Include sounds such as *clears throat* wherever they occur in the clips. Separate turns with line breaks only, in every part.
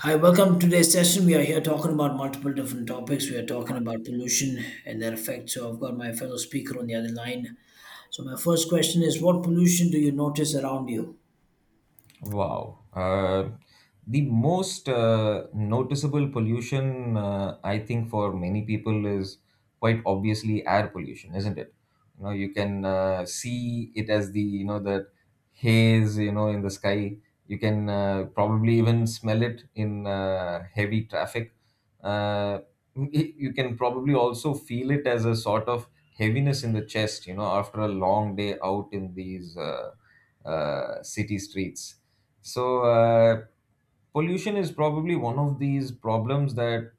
Hi, welcome to today's session. We are here talking about multiple different topics. We are talking about pollution and their effects. So I've got my fellow speaker on the other line. So my first question is, what pollution do you notice around you?
Wow. The most noticeable pollution, I think, for many people is quite obviously air pollution, isn't it? You can see it as the, that haze, in the sky. You can probably even smell it in heavy traffic. Uh, you can probably also feel it as a sort of heaviness in the chest, after a long day out in these. City streets. So, pollution is probably one of these problems that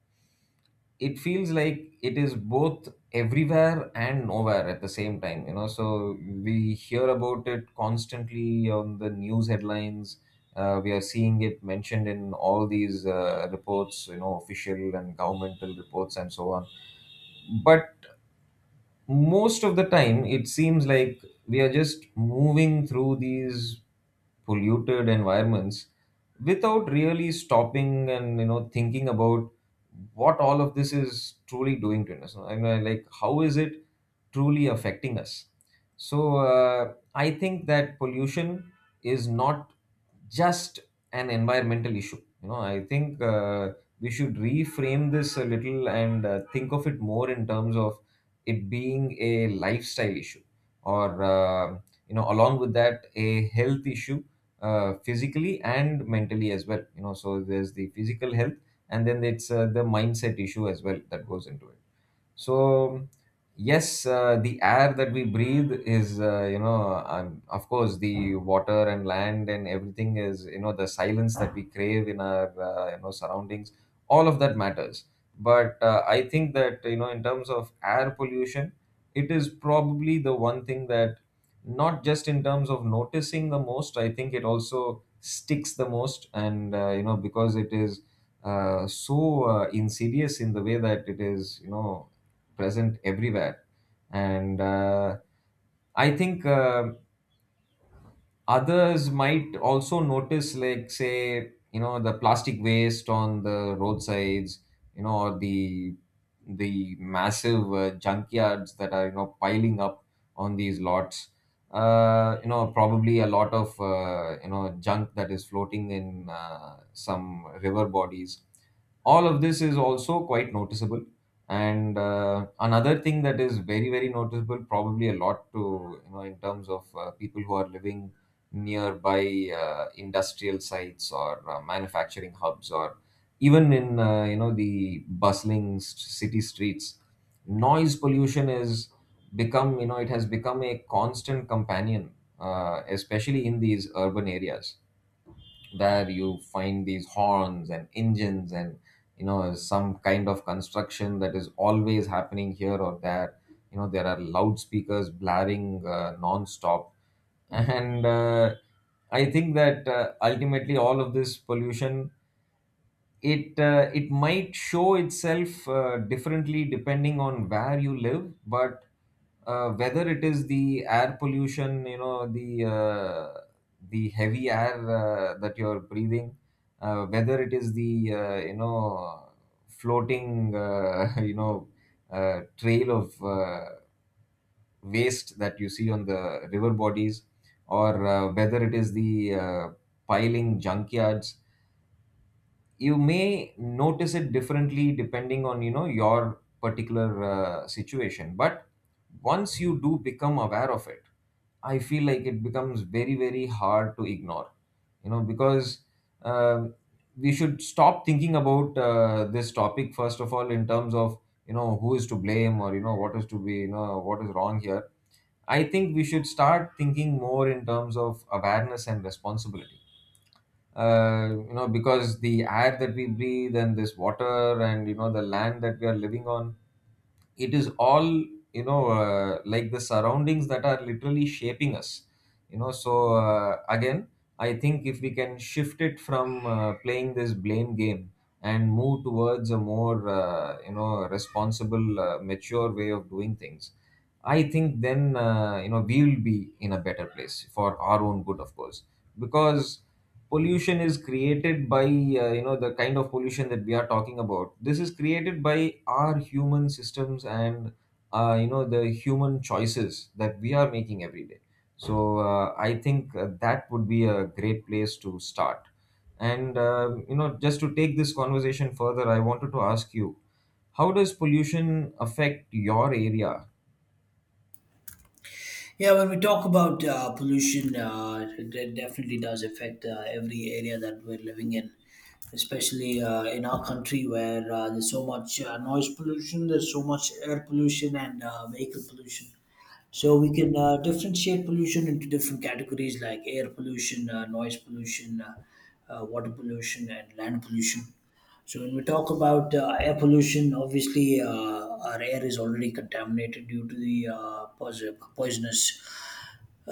it feels like it is both everywhere and nowhere at the same time. So we hear about it constantly on the news headlines. We are seeing it mentioned in all these reports, official and governmental reports and so on. But most of the time it seems like we are just moving through these polluted environments without really stopping and thinking about what all of this is truly doing to us. I mean, like, how is it truly affecting us? So, I think that pollution is not just an environmental issue. I think we should reframe this a little, and think of it more in terms of it being a lifestyle issue, or along with that, a health issue, physically and mentally as well. So there's the physical health, and then it's the mindset issue as well that goes into it. So yes, the air that we breathe is of course, the water and land, and everything is, the silence that we crave in our surroundings, all of that matters. But I think that in terms of air pollution, it is probably the one thing that not just in terms of noticing the most, I think it also sticks the most. And because it is so insidious in the way that it is, present everywhere. And I think others might also notice, like, say, the plastic waste on the roadsides, or the massive junkyards that are piling up on these lots. Probably a lot of junk that is floating in some river bodies, all of this is also quite noticeable. And another thing that is very very noticeable, probably a lot to in terms of people who are living nearby industrial sites or manufacturing hubs, or even in the bustling city streets, noise pollution is become, it has become a constant companion, especially in these urban areas where you find these horns and engines and some kind of construction that is always happening here or there. There are loudspeakers blaring non-stop. *laughs* And I think that ultimately all of this pollution, it might show itself differently depending on where you live. But whether it is the air pollution, the heavy air that you're breathing, whether it is the floating *laughs* trail of waste that you see on the river bodies, or whether it is the piling junkyards, you may notice it differently depending on your particular situation. But once you do become aware of it, I feel like it becomes very very hard to ignore, because um we should stop thinking about this topic first of all in terms of who is to blame, or what is to be, what is wrong here. I think we should start thinking more in terms of awareness and responsibility, because the air that we breathe and this water and the land that we are living on, it is all, like the surroundings that are literally shaping us. So again, I think if we can shift it from playing this blame game and move towards a more responsible mature way of doing things, I think then we'll be in a better place for our own good, of course. Because pollution is created by the kind of pollution that we are talking about, this is created by our human systems and the human choices that we are making every day. So I think that would be a great place to start. And just to take this conversation further, I wanted to ask you, how does pollution affect your area?
Yeah, when we talk about pollution, it definitely does affect every area that we're living in, especially in our country where there's so much noise pollution, there's so much air pollution and vehicle pollution. So we can differentiate pollution into different categories like air pollution, noise pollution, water pollution, and land pollution. So when we talk about air pollution, obviously our air is already contaminated due to the poisonous uh,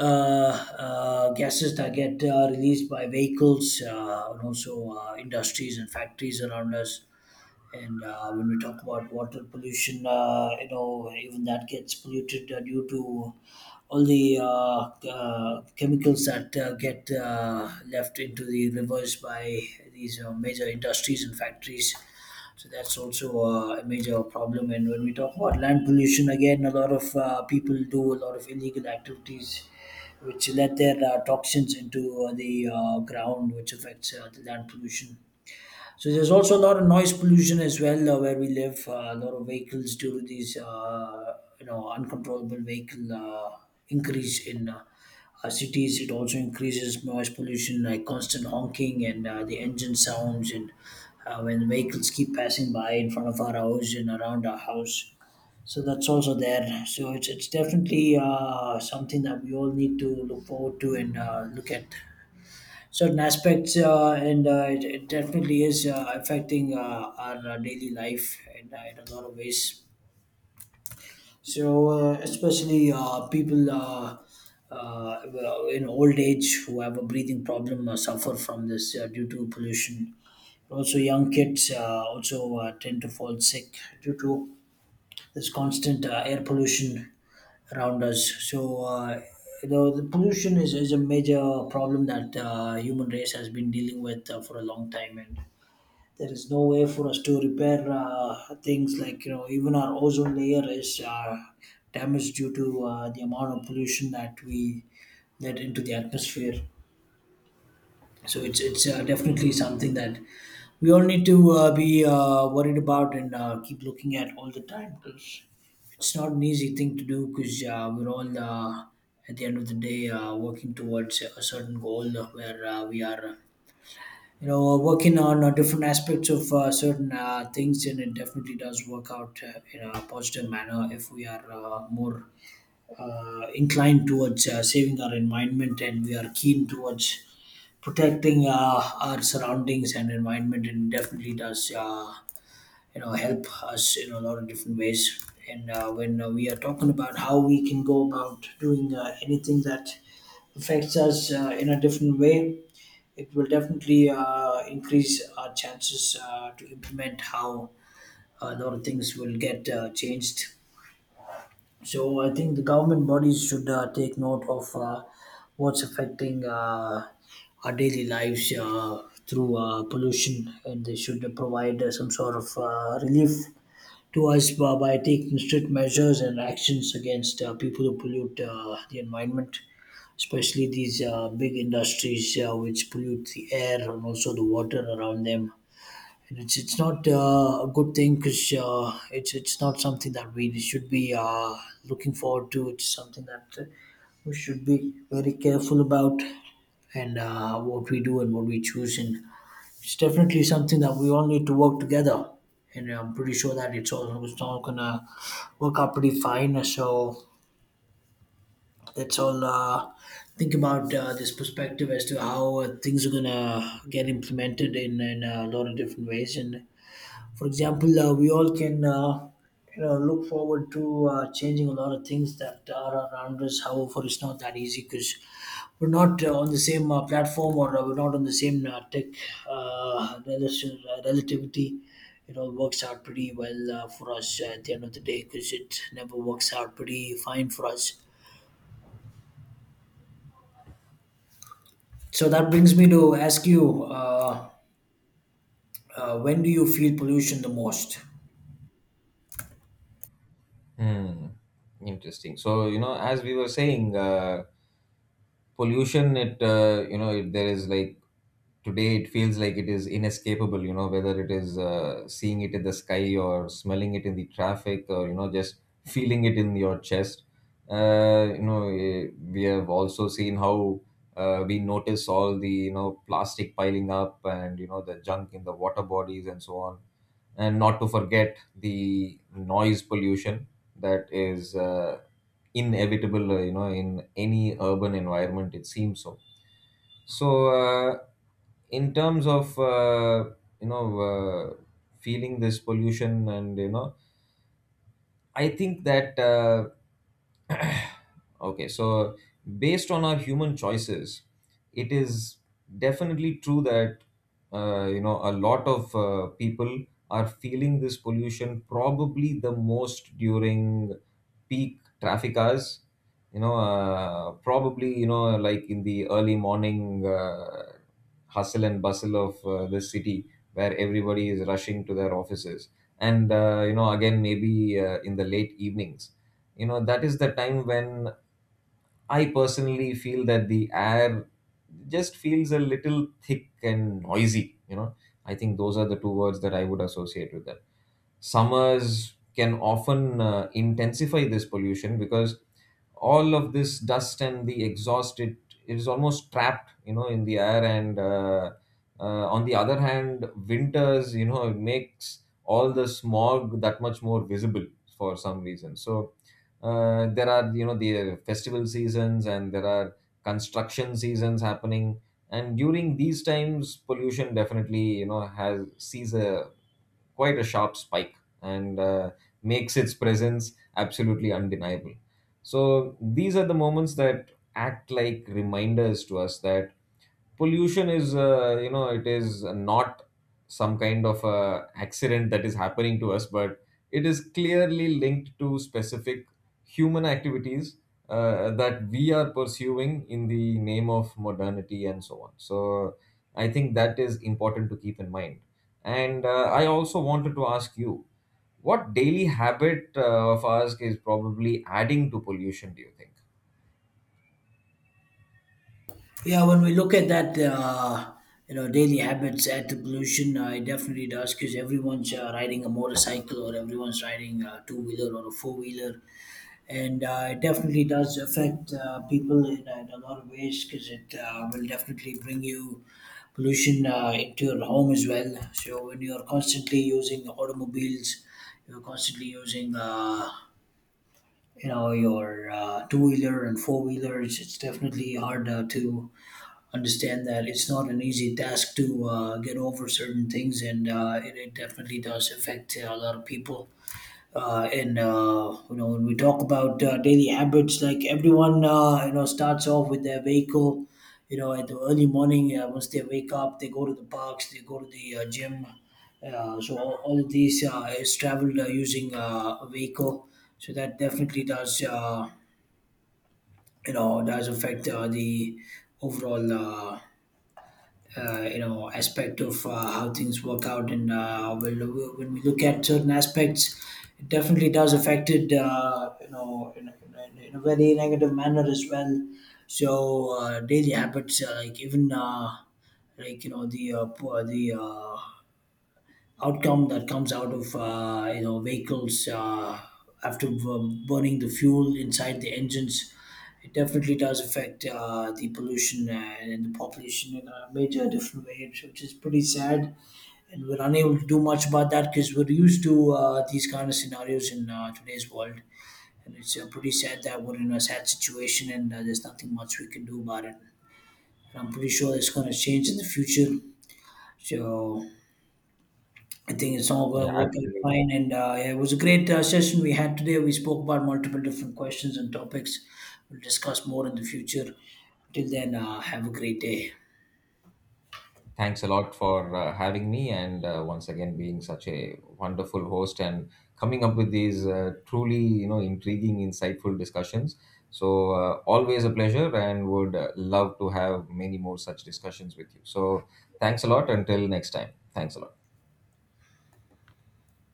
gases that get released by vehicles and also industries and factories around us. And when we talk about water pollution, you know, even that gets polluted due to all the chemicals that get left into the rivers by these major industries and factories. So that's also a major problem. And when we talk about land pollution, again, a lot of people do a lot of illegal activities which let their toxins into the ground, which affects the land pollution. So there's also a lot of noise pollution as well where we live. A lot of vehicles due to these, you know, uncontrollable vehicle increase in cities. It also increases noise pollution, like constant honking and the engine sounds, and when vehicles keep passing by in front of our house and around our house. So that's also there. So it's definitely something that we all need to look forward to and look at certain aspects and it definitely is affecting our daily life in a lot of ways. So especially people, well, in old age who have a breathing problem suffer from this due to pollution. Also young kids also tend to fall sick due to there's constant air pollution around us. So, you know, the pollution is a major problem that human race has been dealing with for a long time, and there is no way for us to repair things like, you know, even our ozone layer is damaged due to the amount of pollution that we let into the atmosphere. So it's definitely something that we all need to be worried about and keep looking at all the time because it's not an easy thing to do because we're all at the end of the day working towards a certain goal where we are you know working on different aspects of certain things, and it definitely does work out in a positive manner if we are more inclined towards saving our environment and we are keen towards protecting our surroundings and environment, and definitely does you know help us in a lot of different ways. And when we are talking about how we can go about doing anything that affects us in a different way, it will definitely increase our chances to implement how a lot of things will get changed. So I think the government bodies should take note of what's affecting our daily lives through pollution, and they should provide some sort of relief to us by taking strict measures and actions against people who pollute the environment, especially these big industries which pollute the air and also the water around them. And it's not a good thing because it's not something that we should be looking forward to. It's something that we should be very careful about, and what we do and what we choose. And it's definitely something that we all need to work together. And I'm pretty sure that it's all gonna work out pretty fine. So let's all think about this perspective as to how things are gonna get implemented in a lot of different ways. And for example, we all can you know look forward to changing a lot of things that are around us. However, it's not that easy because we're not on the same platform or we're not on the same relativity. It all works out pretty well for us at the end of the day because it never works out pretty fine for us. So that brings me to ask you, when do you feel pollution the most?
Hmm. Interesting. So as we were saying. Pollution, it it, there is like today it feels like it is inescapable, whether it is seeing it in the sky or smelling it in the traffic, or just feeling it in your chest. We have also seen how we notice all the plastic piling up and the junk in the water bodies and so on, and not to forget the noise pollution that is inevitable, in any urban environment, it seems. So in terms of you know uh, feeling this pollution, and I think that *clears throat* okay, so based on our human choices, it is definitely true that a lot of people are feeling this pollution probably the most during peak traffic hours. Probably like in the early morning hustle and bustle of the city where everybody is rushing to their offices. And again, maybe in the late evenings, that is the time when I personally feel that the air just feels a little thick and noisy. I think those are the two words that I would associate with that. Summers can often intensify this pollution because all of this dust and the exhaust, it is almost trapped, in the air. And on the other hand, winters, it makes all the smog that much more visible for some reason. So there are, the festival seasons, and there are construction seasons happening, and during these times pollution definitely, has sees a quite a sharp spike, and makes its presence absolutely undeniable. So these are the moments that act like reminders to us that pollution is, it is not some kind of accident that is happening to us, but it is clearly linked to specific human activities that we are pursuing in the name of modernity and so on. So I think that is important to keep in mind. And I also wanted to ask you, what daily habit of ours is probably adding to pollution, do you think?
Yeah, when we look at that, you know, daily habits add to pollution. It definitely does because everyone's riding a motorcycle or everyone's riding a two wheeler or a four wheeler, and it definitely does affect people in a lot of ways because it will definitely bring you pollution into your home as well. So when you're constantly using automobiles, you're constantly using. You know your two wheeler and four wheelers. It's definitely hard to understand that it's not an easy task to get over certain things, and it definitely does affect a lot of people. And you know, when we talk about daily habits, like everyone, you know, starts off with their vehicle. You know, at the early morning, once they wake up, they go to the parks, they go to the gym. So all of these is traveled using a vehicle. So that definitely does, you know, does affect the overall you know aspect of how things work out. And when we look at certain aspects, it definitely does affect it you know in a very negative manner as well. So daily habits like even like you know the poor the outcome that comes out of you know vehicles after burning the fuel inside the engines. It definitely does affect the pollution and the population in a major different way, which is pretty sad. And we're unable to do much about that because we're used to these kind of scenarios in today's world. And it's pretty sad that we're in a sad situation, and there's nothing much we can do about it. And I'm pretty sure it's going to change in the future. So I think it's all going
Yeah,
to work out
absolutely.
fine. And yeah, it was a great session we had today. We spoke about multiple different questions and topics. We'll discuss more in the future. Till then, have a great day.
Thanks a lot for having me, and once again being such a wonderful host and coming up with these truly intriguing, insightful discussions. So always a pleasure, and would love to have many more such discussions with you. So thanks a lot until next time. Thanks a lot.